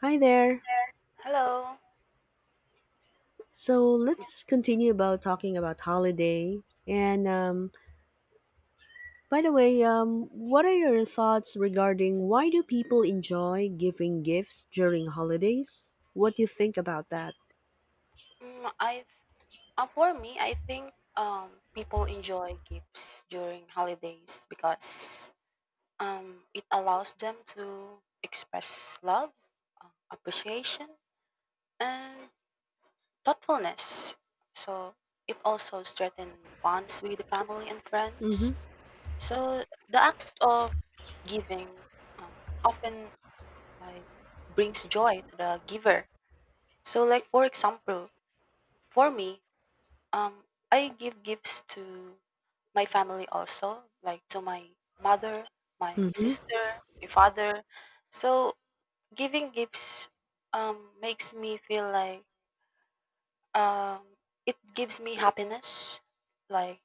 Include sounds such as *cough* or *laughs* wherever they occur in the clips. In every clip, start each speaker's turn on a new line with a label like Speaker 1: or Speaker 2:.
Speaker 1: Hi there.
Speaker 2: Hello.
Speaker 1: So let's just continue about talking about holidays. And by the way, what are your thoughts regarding why do people enjoy giving gifts during holidays? What do you think about that?
Speaker 2: Mm, I th- for me, I think people enjoy gifts during holidays because it allows them to express love, appreciation, and thoughtfulness. So it also strengthens bonds with the family and
Speaker 1: Mm-hmm.
Speaker 2: friends. So the act of giving, often, like, brings joy to the giver. So, like, for example, for me, Um, I give gifts to my family also, like to my mother, my
Speaker 1: Mm-hmm.
Speaker 2: sister, my father. So giving gifts makes me feel like um it gives me happiness, like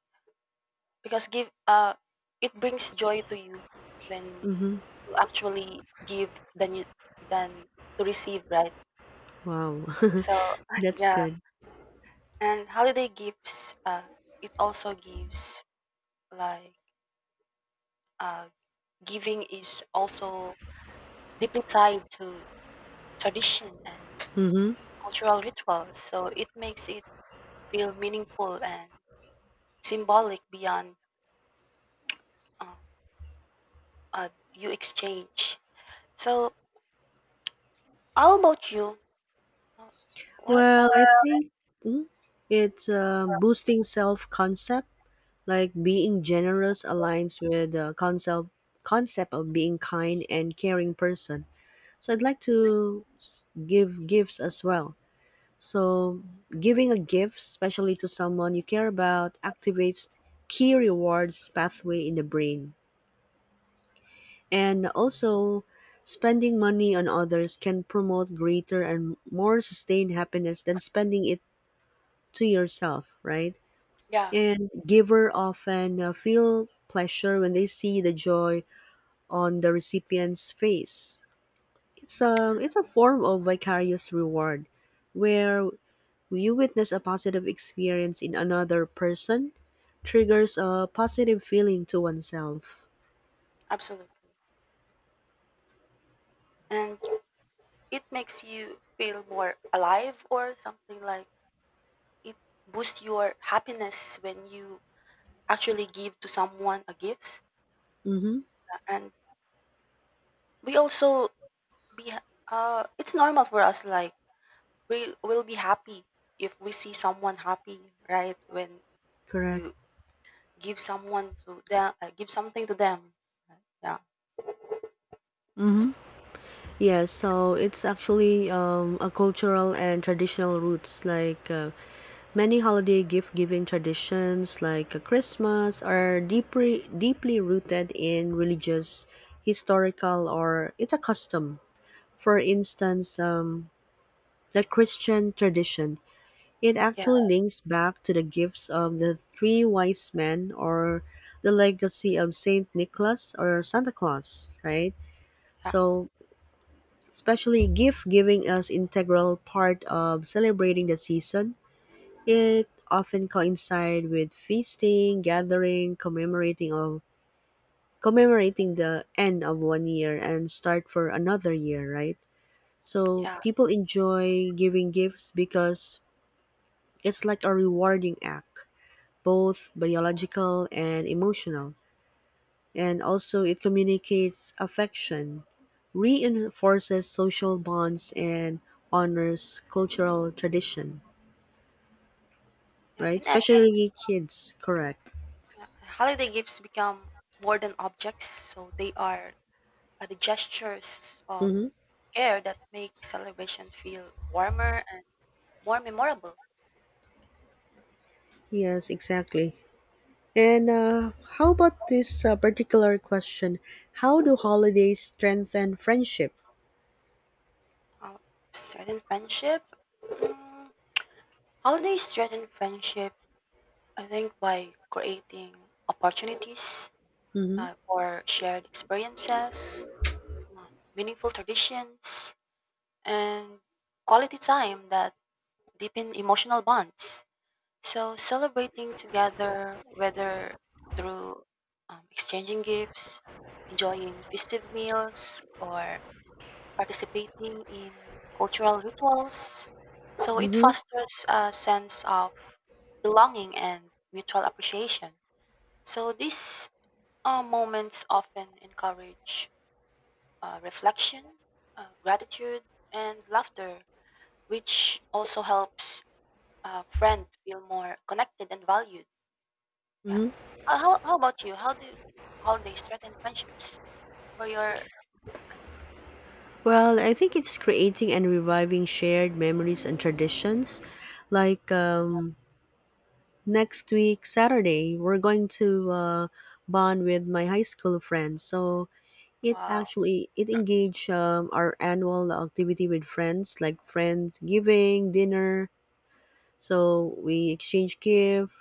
Speaker 2: because give it brings joy to you when
Speaker 1: Mm-hmm.
Speaker 2: you actually give than to receive, right?
Speaker 1: Wow, *laughs*
Speaker 2: So *laughs*
Speaker 1: that's
Speaker 2: yeah,
Speaker 1: good.
Speaker 2: and holiday gifts it also gives like uh giving is also deeply tied to tradition and
Speaker 1: Mm-hmm.
Speaker 2: cultural rituals, so it makes it feel meaningful and symbolic beyond uh, you exchange. So, how about you? Uh, What?
Speaker 1: Well, I think mm, it's um, boosting self-concept. Like being generous aligns with the concept of being kind and caring person. So I'd like to give gifts as well. So giving a gift, especially to someone you care about, activates key rewards pathway in the brain. And also spending money on others can promote greater and more sustained happiness than spending it to yourself, right?
Speaker 2: Yeah,
Speaker 1: And giver often feel pleasure when they see the joy on the recipient's face. It's a form of vicarious reward where you witness a positive experience in another person triggers a positive feeling to oneself.
Speaker 2: absolutely. And it makes you feel more alive or something, like it boosts your happiness when you actually give to someone a gift.
Speaker 1: Mm-hmm.
Speaker 2: And we also be ha- it's normal for us, like we will be happy if we see someone happy, right? When
Speaker 1: Correct.
Speaker 2: you give something to them, right? Yeah,
Speaker 1: Yes, so it's actually a cultural and traditional roots. Many holiday gift giving traditions, like Christmas, are deeply rooted in religious, historical, or it's a custom. For instance, the Christian tradition it
Speaker 2: yeah,
Speaker 1: actually links back to the gifts of the three wise men or the legacy of Saint Nicholas or Santa Claus, right?
Speaker 2: yeah,
Speaker 1: So, especially gift giving as integral part of celebrating the season. It often coincide with feasting, gathering, commemorating the end of one year and start for another year, right? So
Speaker 2: yeah,
Speaker 1: people enjoy giving gifts because it's like a rewarding act both biological and emotional, and also it communicates affection, reinforces social bonds, and honors cultural tradition,
Speaker 2: yeah,
Speaker 1: right?
Speaker 2: in essence,
Speaker 1: Especially kids, correct?
Speaker 2: yeah, holiday gifts become more than objects, so they are, the gestures of
Speaker 1: Mm-hmm.
Speaker 2: care that make celebration feel warmer and more memorable.
Speaker 1: Yes, exactly. And how about this particular question? How do holidays strengthen friendship?
Speaker 2: Hol- Strengthen friendship. mm, Holidays strengthen friendship, I think, by creating opportunities,
Speaker 1: Mm-hmm.
Speaker 2: for shared experiences, uh, meaningful traditions, and quality time that deepen emotional bonds. So, celebrating together, whether through, exchanging gifts, enjoying festive meals, or participating in cultural rituals, so it
Speaker 1: Mm-hmm.
Speaker 2: fosters a sense of belonging and mutual appreciation. So these, moments often encourage, reflection, gratitude, and laughter, which also helps a friend feel more connected and valued. Yeah.
Speaker 1: Mm-hmm.
Speaker 2: How about you? How do you, holidays strengthen friendships? For your, um,
Speaker 1: Well, I
Speaker 2: perspective.
Speaker 1: think it's creating and reviving shared memories and traditions, like next week Saturday we're going to bond with my high school friends. So it
Speaker 2: Wow.
Speaker 1: actually it engage our annual activity with friends like friends giving dinner. So we exchange gift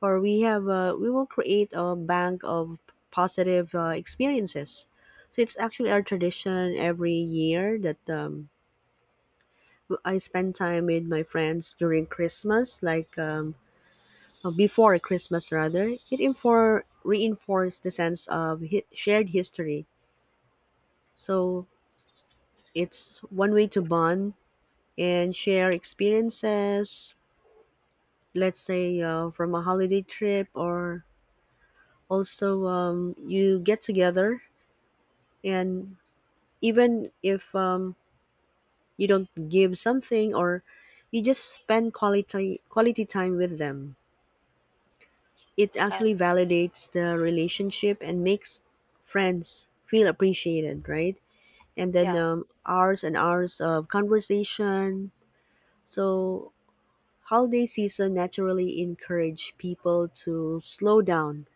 Speaker 1: or we have we will create a bank of positive experiences. So it's actually our tradition every year that I spend time with my friends during Christmas like. Before Christmas rather, it reinforced the sense of shared history. So it's one way to bond and share experiences, let's say from a holiday trip or also you get together and even if you don't give something or you just spend quality time with them it
Speaker 2: Yeah.
Speaker 1: actually validates the relationship and makes friends feel appreciated right and then
Speaker 2: Yeah.
Speaker 1: hours and hours of conversation. So, holiday season naturally encourage people to slow down,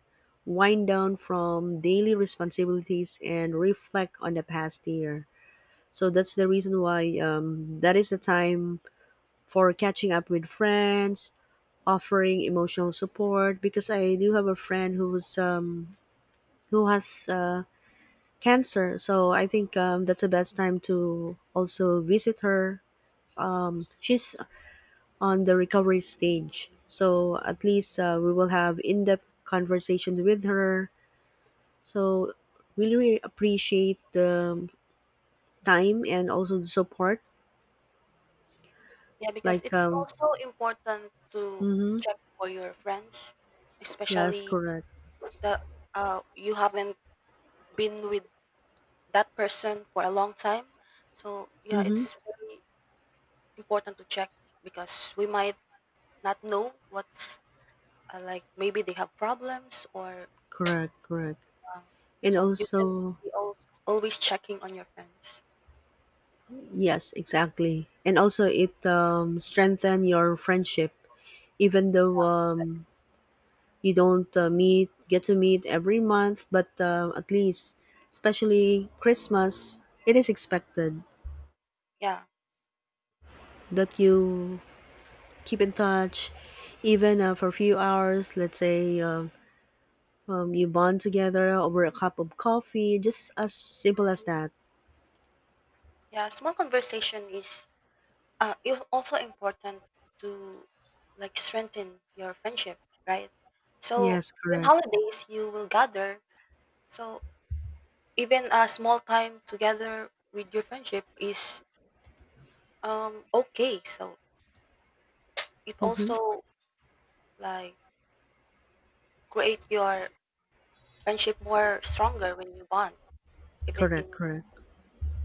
Speaker 1: wind down from daily responsibilities, and reflect on the past year. So that's the reason why that is the time for catching up with friends, offering emotional support. Because I do have a friend who has cancer, so I think that's the best time to also visit her she's on the recovery stage so at least we will have in-depth conversations with her so we really appreciate the time and also the support
Speaker 2: Yeah, because
Speaker 1: like
Speaker 2: it's also important to
Speaker 1: mm-hmm,
Speaker 2: check for your friends,
Speaker 1: yes
Speaker 2: especially
Speaker 1: correct
Speaker 2: the, you haven't been with that person for a long time. So yeah,
Speaker 1: mm-hmm,
Speaker 2: it's very important to check because we might not know what's, like maybe they have problems, or,
Speaker 1: correct correct
Speaker 2: um,
Speaker 1: and
Speaker 2: so you can
Speaker 1: also
Speaker 2: be al- always checking on your friends.
Speaker 1: yes exactly and also it strengthen your friendship even though
Speaker 2: So,
Speaker 1: you don't meet get to meet every month but at least especially christmas it is expected
Speaker 2: yeah,
Speaker 1: that you keep in touch even for a few hours let's say you bond together over a cup of coffee just as simple as that
Speaker 2: yeah. Small conversation is also important to, like, strengthen your friendship, right? So
Speaker 1: yes
Speaker 2: when
Speaker 1: correct
Speaker 2: holidays you will gather. So even a small time together with your friendship is. Okay, so it
Speaker 1: mm-hmm.
Speaker 2: also, like, create your friendship more stronger when you bond, even
Speaker 1: Correct
Speaker 2: in
Speaker 1: correct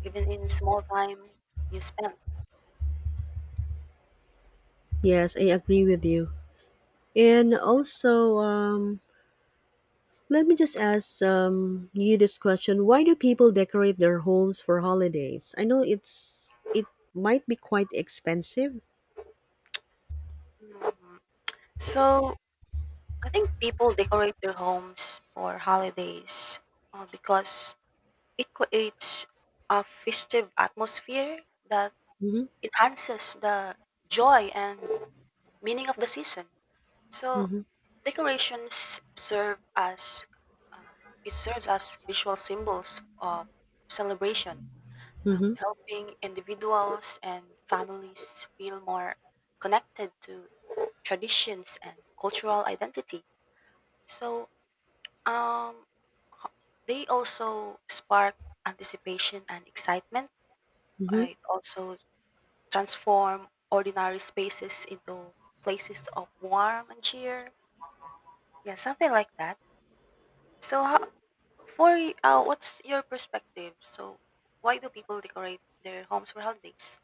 Speaker 2: small time you spend.
Speaker 1: yes I agree with you and also let me just ask you this question: Why do people decorate their homes for holidays? I know it might be quite expensive.
Speaker 2: Mhm. So I think people decorate their homes for holidays, because it creates a festive atmosphere that
Speaker 1: Mm-hmm,
Speaker 2: enhances the joy and meaning of the season. So
Speaker 1: mm-hmm,
Speaker 2: Decorations serve as um, it serves as visual symbols of celebration,
Speaker 1: mm-hmm,
Speaker 2: helping individuals and families feel more connected to traditions and cultural identity. So, um, ho- they also spark anticipation and excitement.
Speaker 1: mm-hmm.
Speaker 2: It also transform ordinary spaces into places of warmth and cheer. Yeah, something like that. So, how, for what's your perspective? So, why do people decorate their homes for holidays?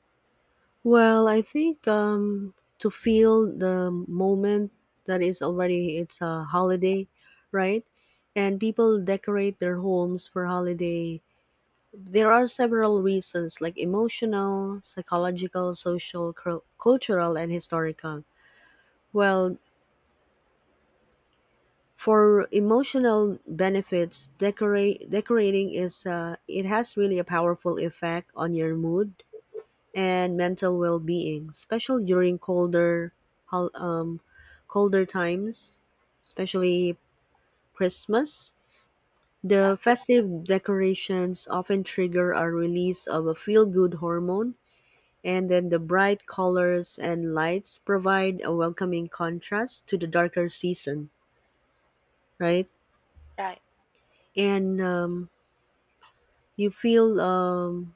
Speaker 1: Well, I think to feel the moment that is already it's a holiday, right? And people decorate their homes for holiday. There are several reasons, like emotional, psychological, social, cultural, and historical. Well, for emotional benefits, decorate decorating is it has really a powerful effect on your mood and mental well-being, especially during colder hol- um, colder times, especially Christmas.
Speaker 2: Yeah.
Speaker 1: The festive decorations often trigger a release of a feel-good hormone, and then the bright colors and lights provide a welcoming contrast to the darker season, right?
Speaker 2: Right.
Speaker 1: And you feel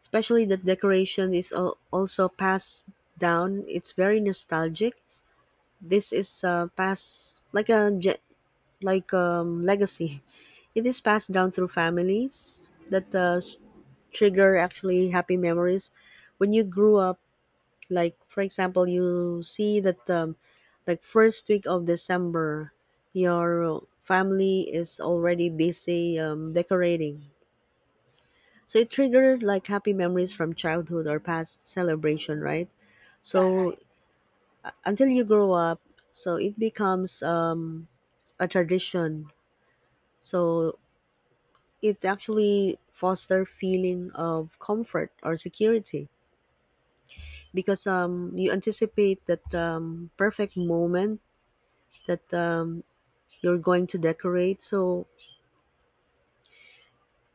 Speaker 1: especially the decoration is also passed down it's very nostalgic this is passed like a legacy *laughs* it is passed down through families that trigger actually happy memories when you grew up like for example you see that like first week of december your family is already busy decorating. So it triggered like happy memories from childhood or past celebration, right?
Speaker 2: Yeah.
Speaker 1: So
Speaker 2: Right.
Speaker 1: until you grow up, so it becomes a tradition. So it actually foster feeling of comfort or security because you anticipate that perfect moment that you're going to decorate. So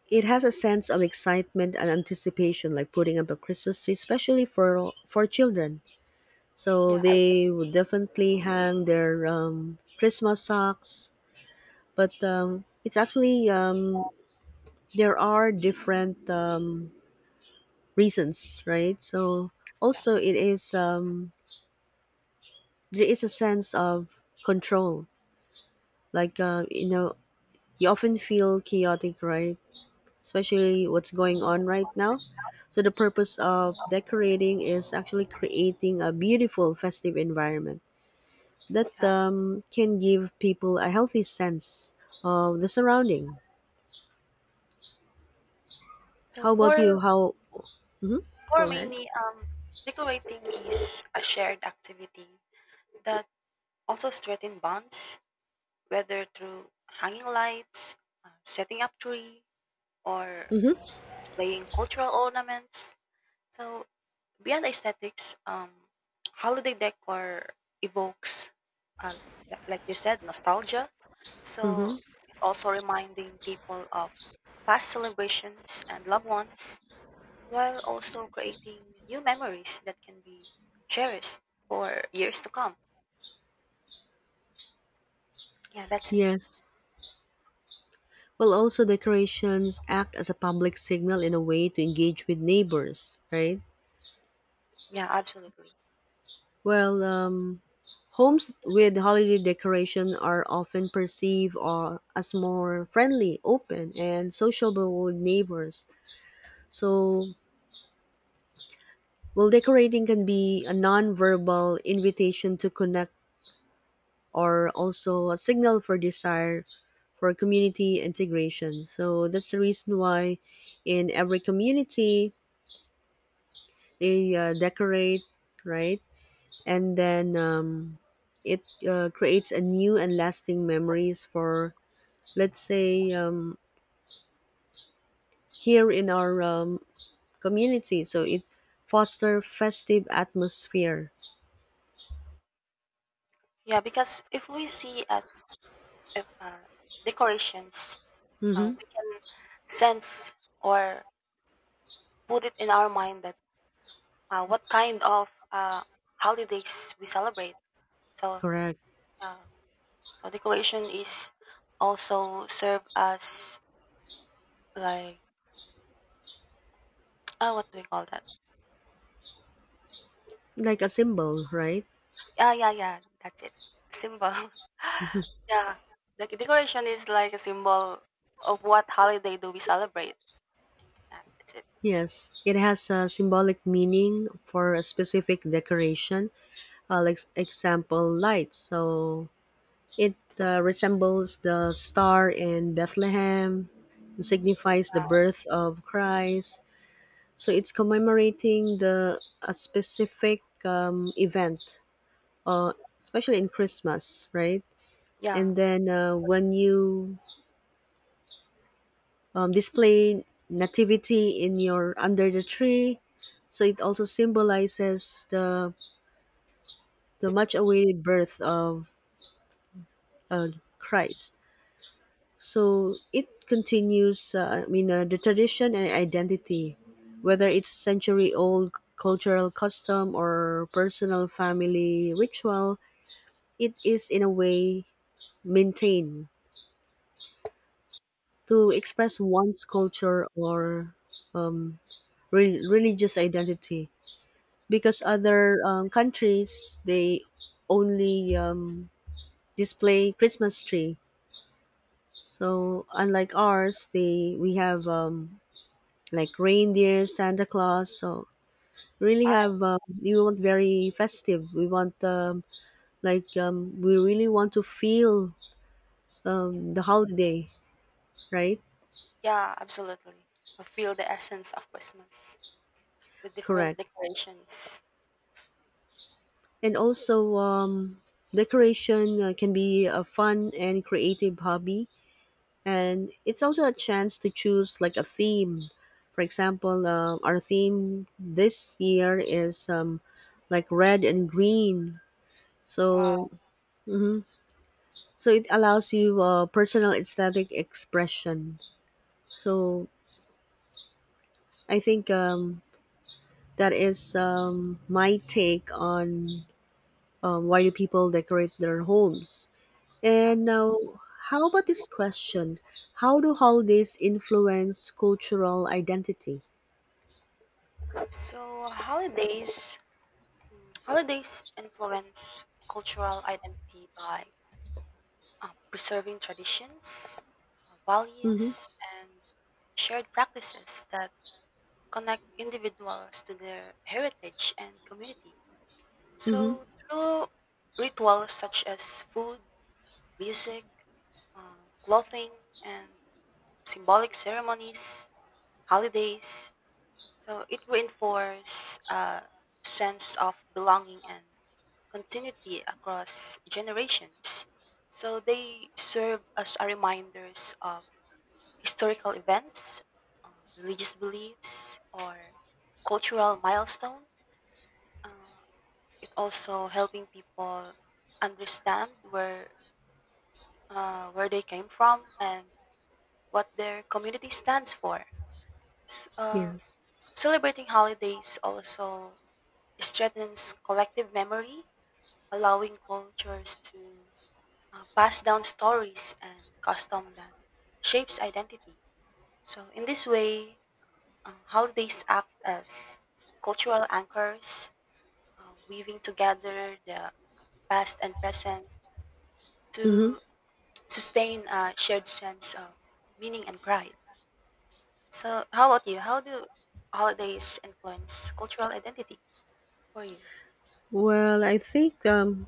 Speaker 1: it has a sense of excitement and anticipation, like putting up a Christmas tree, especially for children. So
Speaker 2: Yeah. Absolutely.
Speaker 1: they would definitely hang their Christmas socks. But it's actually there are different reasons, right? So
Speaker 2: Yeah.
Speaker 1: also, it is, there is a sense of control. Like, you know, you often feel chaotic, right? Especially what's going on right now. So the purpose of decorating is actually creating a beautiful festive environment that
Speaker 2: Yeah.
Speaker 1: can give people a healthy sense of the surrounding.
Speaker 2: So
Speaker 1: How about you? How? hmm
Speaker 2: for
Speaker 1: Go ahead.
Speaker 2: mainly, decorating is a shared activity that also strengthens bonds, whether through hanging lights, setting up tree, or
Speaker 1: Mm-hmm.
Speaker 2: displaying cultural ornaments. So beyond aesthetics, holiday decor evokes, uh, like you said, nostalgia.
Speaker 1: Mm-hmm.
Speaker 2: So it's also reminding people of past celebrations and loved ones, while also creating new memories that can be cherished for years to come. Yeah, that's it.
Speaker 1: Yes. Well, also decorations act as a public signal in a way to engage with neighbors, right?
Speaker 2: Yeah, absolutely.
Speaker 1: Well, homes with holiday decoration are often perceived or as more friendly, open, and sociable with neighbors. So, well, decorating can be a non-verbal invitation to connect are also a signal for desire for community integration. So that's the reason why in every community they decorate, right? And then it creates a new and lasting memories for, let's say, here in our community. So it foster festive atmosphere.
Speaker 2: Yeah, because if we see at, if, decorations,
Speaker 1: Mm-hmm.
Speaker 2: we can sense or put it in our mind that, what kind of, holidays we celebrate. So,
Speaker 1: Correct.
Speaker 2: uh, so decoration is also serve as, like, what do we call that?
Speaker 1: Like a symbol, right?
Speaker 2: Yeah, yeah, yeah. That's it. Symbol. *laughs* Yeah, the decoration is like a symbol of what holiday do we celebrate. Yeah, that's it.
Speaker 1: Yes, it has a symbolic meaning for a specific decoration, like example lights. So it resembles the star in Bethlehem, and signifies the birth of Christ. So it's commemorating the a specific event, uh, especially in Christmas, right? And
Speaker 2: Yeah.
Speaker 1: then when you display nativity in your under the tree so it also symbolizes the much awaited birth of uh, christ so it continues the tradition and identity whether it's century old cultural custom or personal family ritual it is in a way maintained to
Speaker 2: It's
Speaker 1: express one's culture or um, religious identity because other countries they only display Christmas tree. So unlike ours, they we have like reindeer, Santa Claus. So really
Speaker 2: fine.
Speaker 1: have we want very festive. We want we really want to feel the holiday, right?
Speaker 2: Yeah, absolutely. I feel the essence of Christmas with different
Speaker 1: Correct.
Speaker 2: decorations.
Speaker 1: And also decoration can be a fun and creative hobby and it's also a chance to choose like a theme for example our theme this year is like red and green
Speaker 2: Wow.
Speaker 1: so mhm. So it allows you personal aesthetic expression so I think that is my take on why do people decorate their homes
Speaker 2: Yeah.
Speaker 1: and now how about this question how do holidays influence cultural identity.
Speaker 2: So holidays influence cultural identity by, preserving traditions,
Speaker 1: Mm-hmm.
Speaker 2: values, and shared practices that connect individuals to their heritage and community.
Speaker 1: Mm-hmm.
Speaker 2: So, through rituals such as food, music, clothing, and symbolic ceremonies, holidays, so it reinforces a sense of belonging and continuity across generations. So they serve as a reminders of historical events, uh, religious beliefs, or cultural milestone. Uh, it also helping people understand where they came from and what their community stands for. S- uh,
Speaker 1: Yes.
Speaker 2: Celebrating holidays also strengthens collective memory, allowing cultures to, pass down stories and custom that shapes identity. So in this way, holidays act as cultural anchors, weaving together the past and present to
Speaker 1: Mm-hmm.
Speaker 2: sustain a shared sense of meaning and pride. So how about you? How do holidays influence cultural identity for you?
Speaker 1: Well,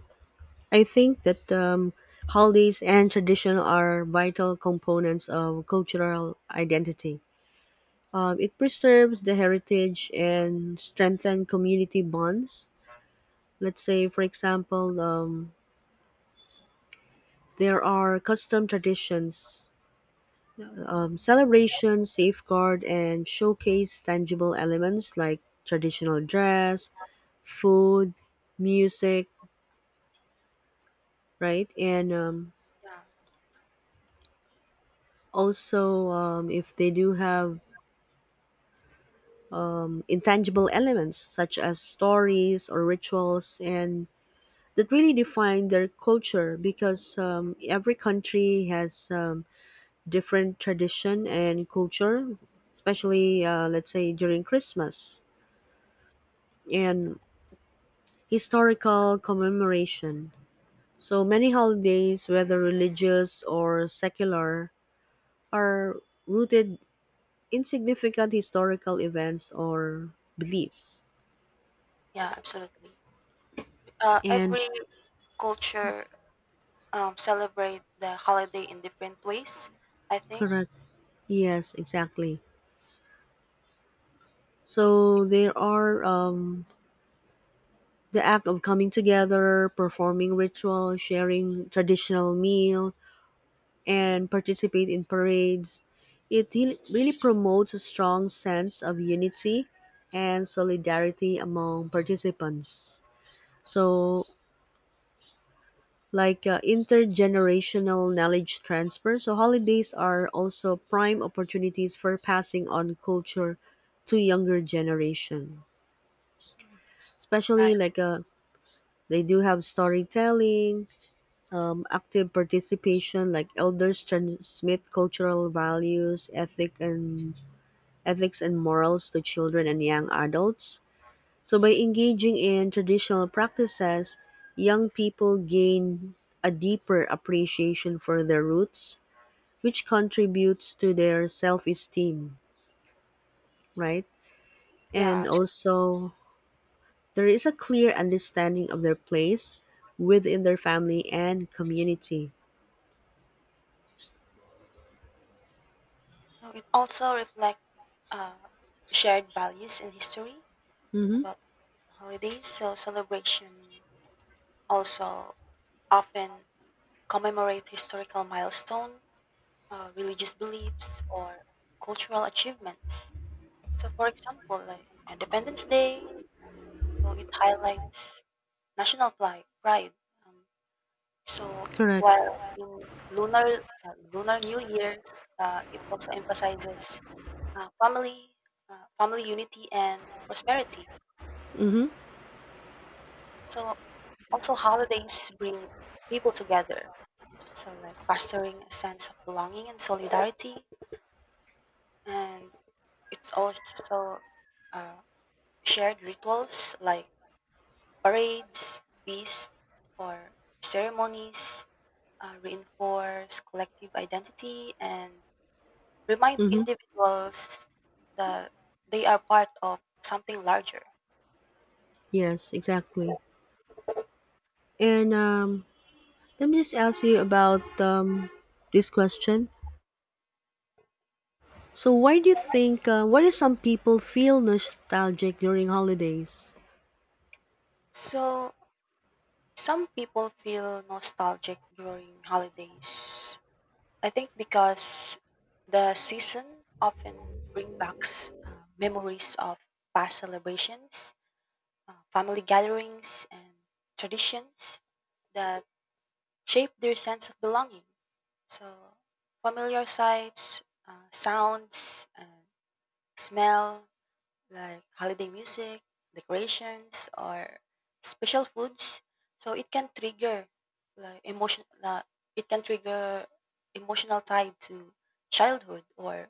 Speaker 1: I think that holidays and tradition are vital components of cultural identity. It preserves the heritage and strengthen community bonds. Let's say, for example, there are custom traditions, celebrations, safeguard, and showcase tangible elements like traditional dress, food, music, right, and
Speaker 2: Yeah,
Speaker 1: also if they do have intangible elements such as stories or rituals and that really define their culture because every country has different tradition and culture especially let's say during christmas and historical commemoration so many holidays whether religious or secular are rooted in significant historical events or beliefs.
Speaker 2: yeah, absolutely.
Speaker 1: And
Speaker 2: Every culture, celebrate the holiday in different ways. I think,
Speaker 1: correct. Yes, exactly. So there are the act of coming together, performing ritual, sharing traditional meal, and participate in parades. It really promotes a strong sense of unity and solidarity among participants. So like intergenerational knowledge transfer. So holidays are also prime opportunities for passing on culture to younger generation.
Speaker 2: right.
Speaker 1: Especially like they do have storytelling, active participation, like elders transmit cultural values, ethics and morals to children and young adults. So by engaging in traditional practices, young people gain a deeper appreciation for their roots which contributes to their self-esteem, right?
Speaker 2: Yeah,
Speaker 1: And also there is a clear understanding of their place within their family and community.
Speaker 2: so it also reflects, uh, shared values and history
Speaker 1: Mm-hmm.
Speaker 2: about holidays. So celebration also often commemorate historical milestone, religious beliefs, or cultural achievements. So, for example, like Independence Day, so it highlights national pride. Um, so,
Speaker 1: Correct.
Speaker 2: while in lunar lunar New Year's, it also emphasizes, uh, family, family unity, and prosperity.
Speaker 1: Mm-hmm.
Speaker 2: So also holidays bring people together. So, like fostering a sense of belonging and solidarity, and it's also, uh, shared rituals like parades, feasts, or ceremonies, reinforce collective identity and remind
Speaker 1: Mm-hmm.
Speaker 2: individuals that they are part of something larger.
Speaker 1: Yes, exactly. And let me just ask you about this question. So, why do you think, why do some people feel nostalgic during holidays?
Speaker 2: So some people feel nostalgic during holidays, I think, because the season often brings back, memories of past celebrations, family gatherings, and traditions that shape their sense of belonging. So, familiar sights, sounds, and smell, like holiday music, decorations, or special foods. So it can trigger, like, emotion. It can trigger emotional tie to childhood or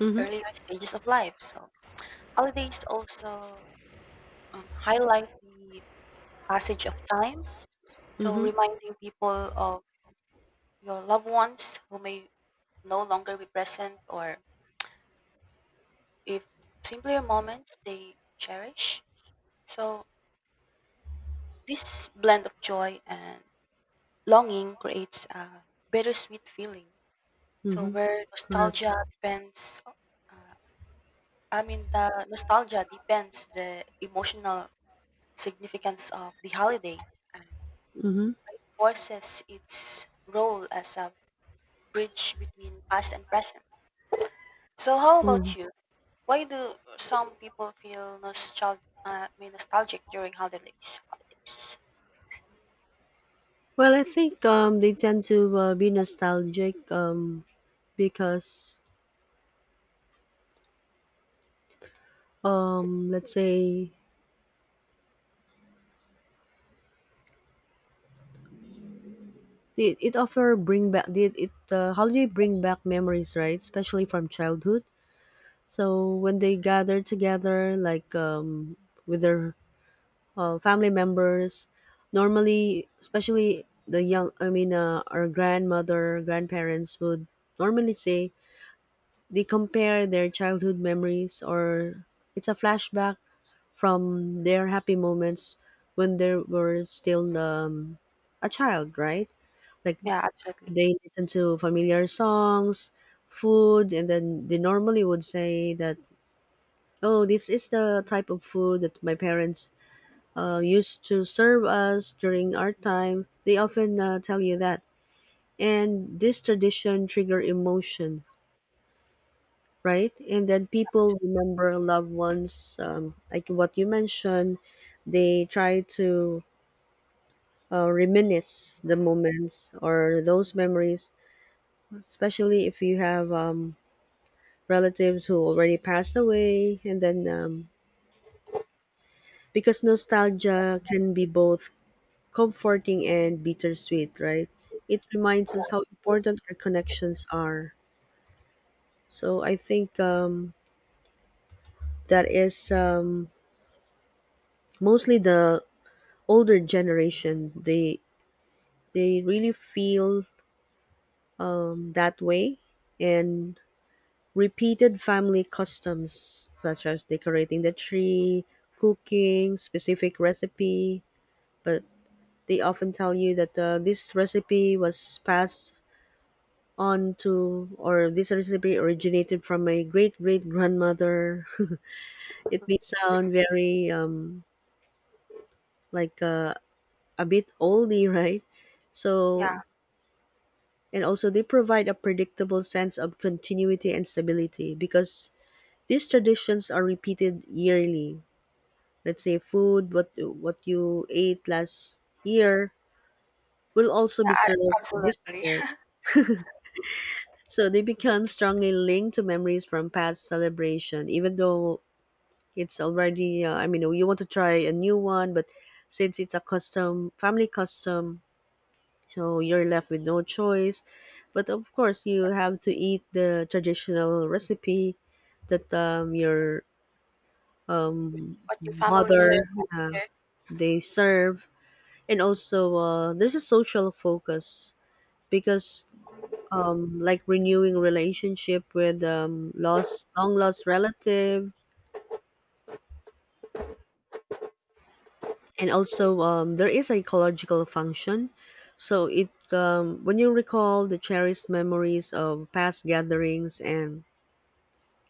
Speaker 1: Mm-hmm.
Speaker 2: earlier stages of life. So holidays also, highlight the passage of time. So
Speaker 1: Mm-hmm.
Speaker 2: reminding people of your loved ones who may no longer be present, or if simpler moments they cherish. So this blend of joy and longing creates a bittersweet feeling. So
Speaker 1: Mm-hmm.
Speaker 2: where
Speaker 1: Correct.
Speaker 2: uh, I mean the nostalgia depends the emotional significance of the holiday and
Speaker 1: Mm-hmm.
Speaker 2: reinforces its role as a bridge between past and present. So how
Speaker 1: Mm-hmm.
Speaker 2: about you? Why do some people feel I mean nostalgic during holidays? Holidays.
Speaker 1: Well, I think they tend to be nostalgic because, let's say, it offer bring back it, it holiday bring back memories, right? Especially from childhood. So when they gather together, like with their family members, normally, especially the young, I mean, our grandmother, grandparents would normally say they compare their childhood memories, or it's a flashback from their happy moments when they were still a child, right? Like
Speaker 2: Yeah, absolutely.
Speaker 1: they listen to familiar songs, food, and then they normally would say that, oh, this is the type of food that my parents used to serve us during our time. They often tell you that. And this tradition trigger emotion, right? And then people remember loved ones, like what you mentioned. They try to reminisce the moments or those memories, especially if you have relatives who already passed away, and then because nostalgia can be both comforting and bittersweet, right? It reminds us how important our connections are. So I think that is mostly the older generation. They really feel that way, and repeated family customs such as decorating the tree, cooking specific recipe, but they often tell you that this recipe was passed on to, or this recipe originated from my great great grandmother. *laughs* It may sound very like a bit oldie, *laughs* right? So,
Speaker 2: Yeah,
Speaker 1: and also they provide a predictable sense of continuity and stability, because these traditions are repeated yearly. Let's say food, what you ate last year will also be
Speaker 2: yeah,
Speaker 1: served this
Speaker 2: absolutely.
Speaker 1: year, so they become strongly linked to memories from past celebration. Even though it's already I mean, you want to try a new one, but since it's a custom, family custom, so you're left with no choice. But of course you have to eat the traditional recipe that your
Speaker 2: What your family served
Speaker 1: mother,
Speaker 2: last
Speaker 1: yeah,
Speaker 2: year.
Speaker 1: they serve. And also there's a social focus, because like renewing relationship with lost, long lost relative. And also there is psychological function, so it when you recall the cherished memories of past gatherings and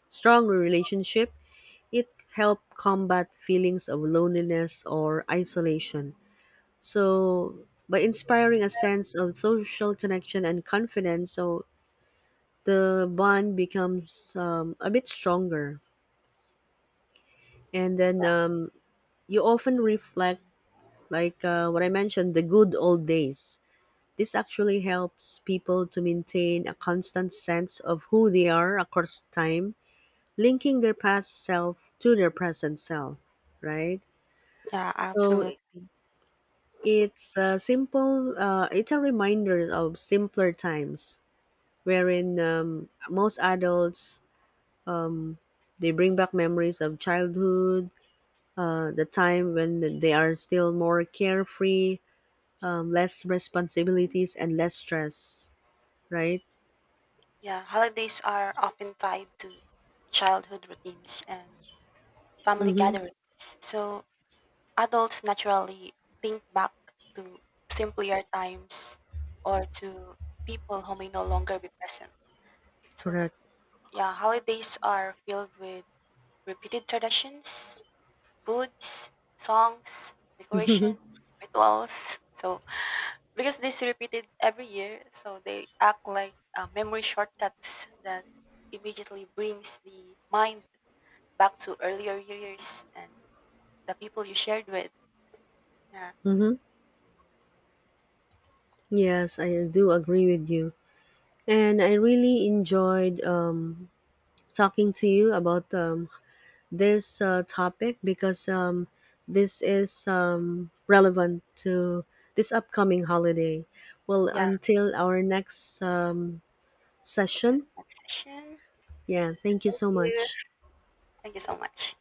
Speaker 1: strong relationship, it help combat feelings of loneliness or isolation. So by inspiring a sense of social connection and confidence, so the bond becomes a bit stronger. And then you often reflect like what I mentioned, the good old days. This actually helps people to maintain a constant sense of who they are across time, linking their past self to their present self, right?
Speaker 2: Yeah,
Speaker 1: So
Speaker 2: absolutely.
Speaker 1: it's a simple it's a reminder of simpler times, wherein most adults, they bring back memories of childhood, the time when they are still more carefree, less responsibilities and less stress, right?
Speaker 2: Yeah, holidays are often tied to childhood routines and family
Speaker 1: Mm-hmm.
Speaker 2: gatherings. So adults naturally think back to simpler times or to people who may no longer be present. So,
Speaker 1: Correct.
Speaker 2: yeah, holidays are filled with repeated traditions, foods, songs, decorations,
Speaker 1: Mm-hmm.
Speaker 2: rituals. *laughs* So, because this repeated every year, so they act like, memory shortcuts that immediately brings the mind back to earlier years and the people you shared with. Yeah,
Speaker 1: Mm-hmm. Yes, I do agree with you. And I really enjoyed talking to you about this topic, because this is relevant to this upcoming holiday. Well,
Speaker 2: yeah.
Speaker 1: until our next
Speaker 2: That's
Speaker 1: session,
Speaker 2: the next session.
Speaker 1: yeah, thank you
Speaker 2: Thank
Speaker 1: so
Speaker 2: you.
Speaker 1: much.
Speaker 2: Thank you so much.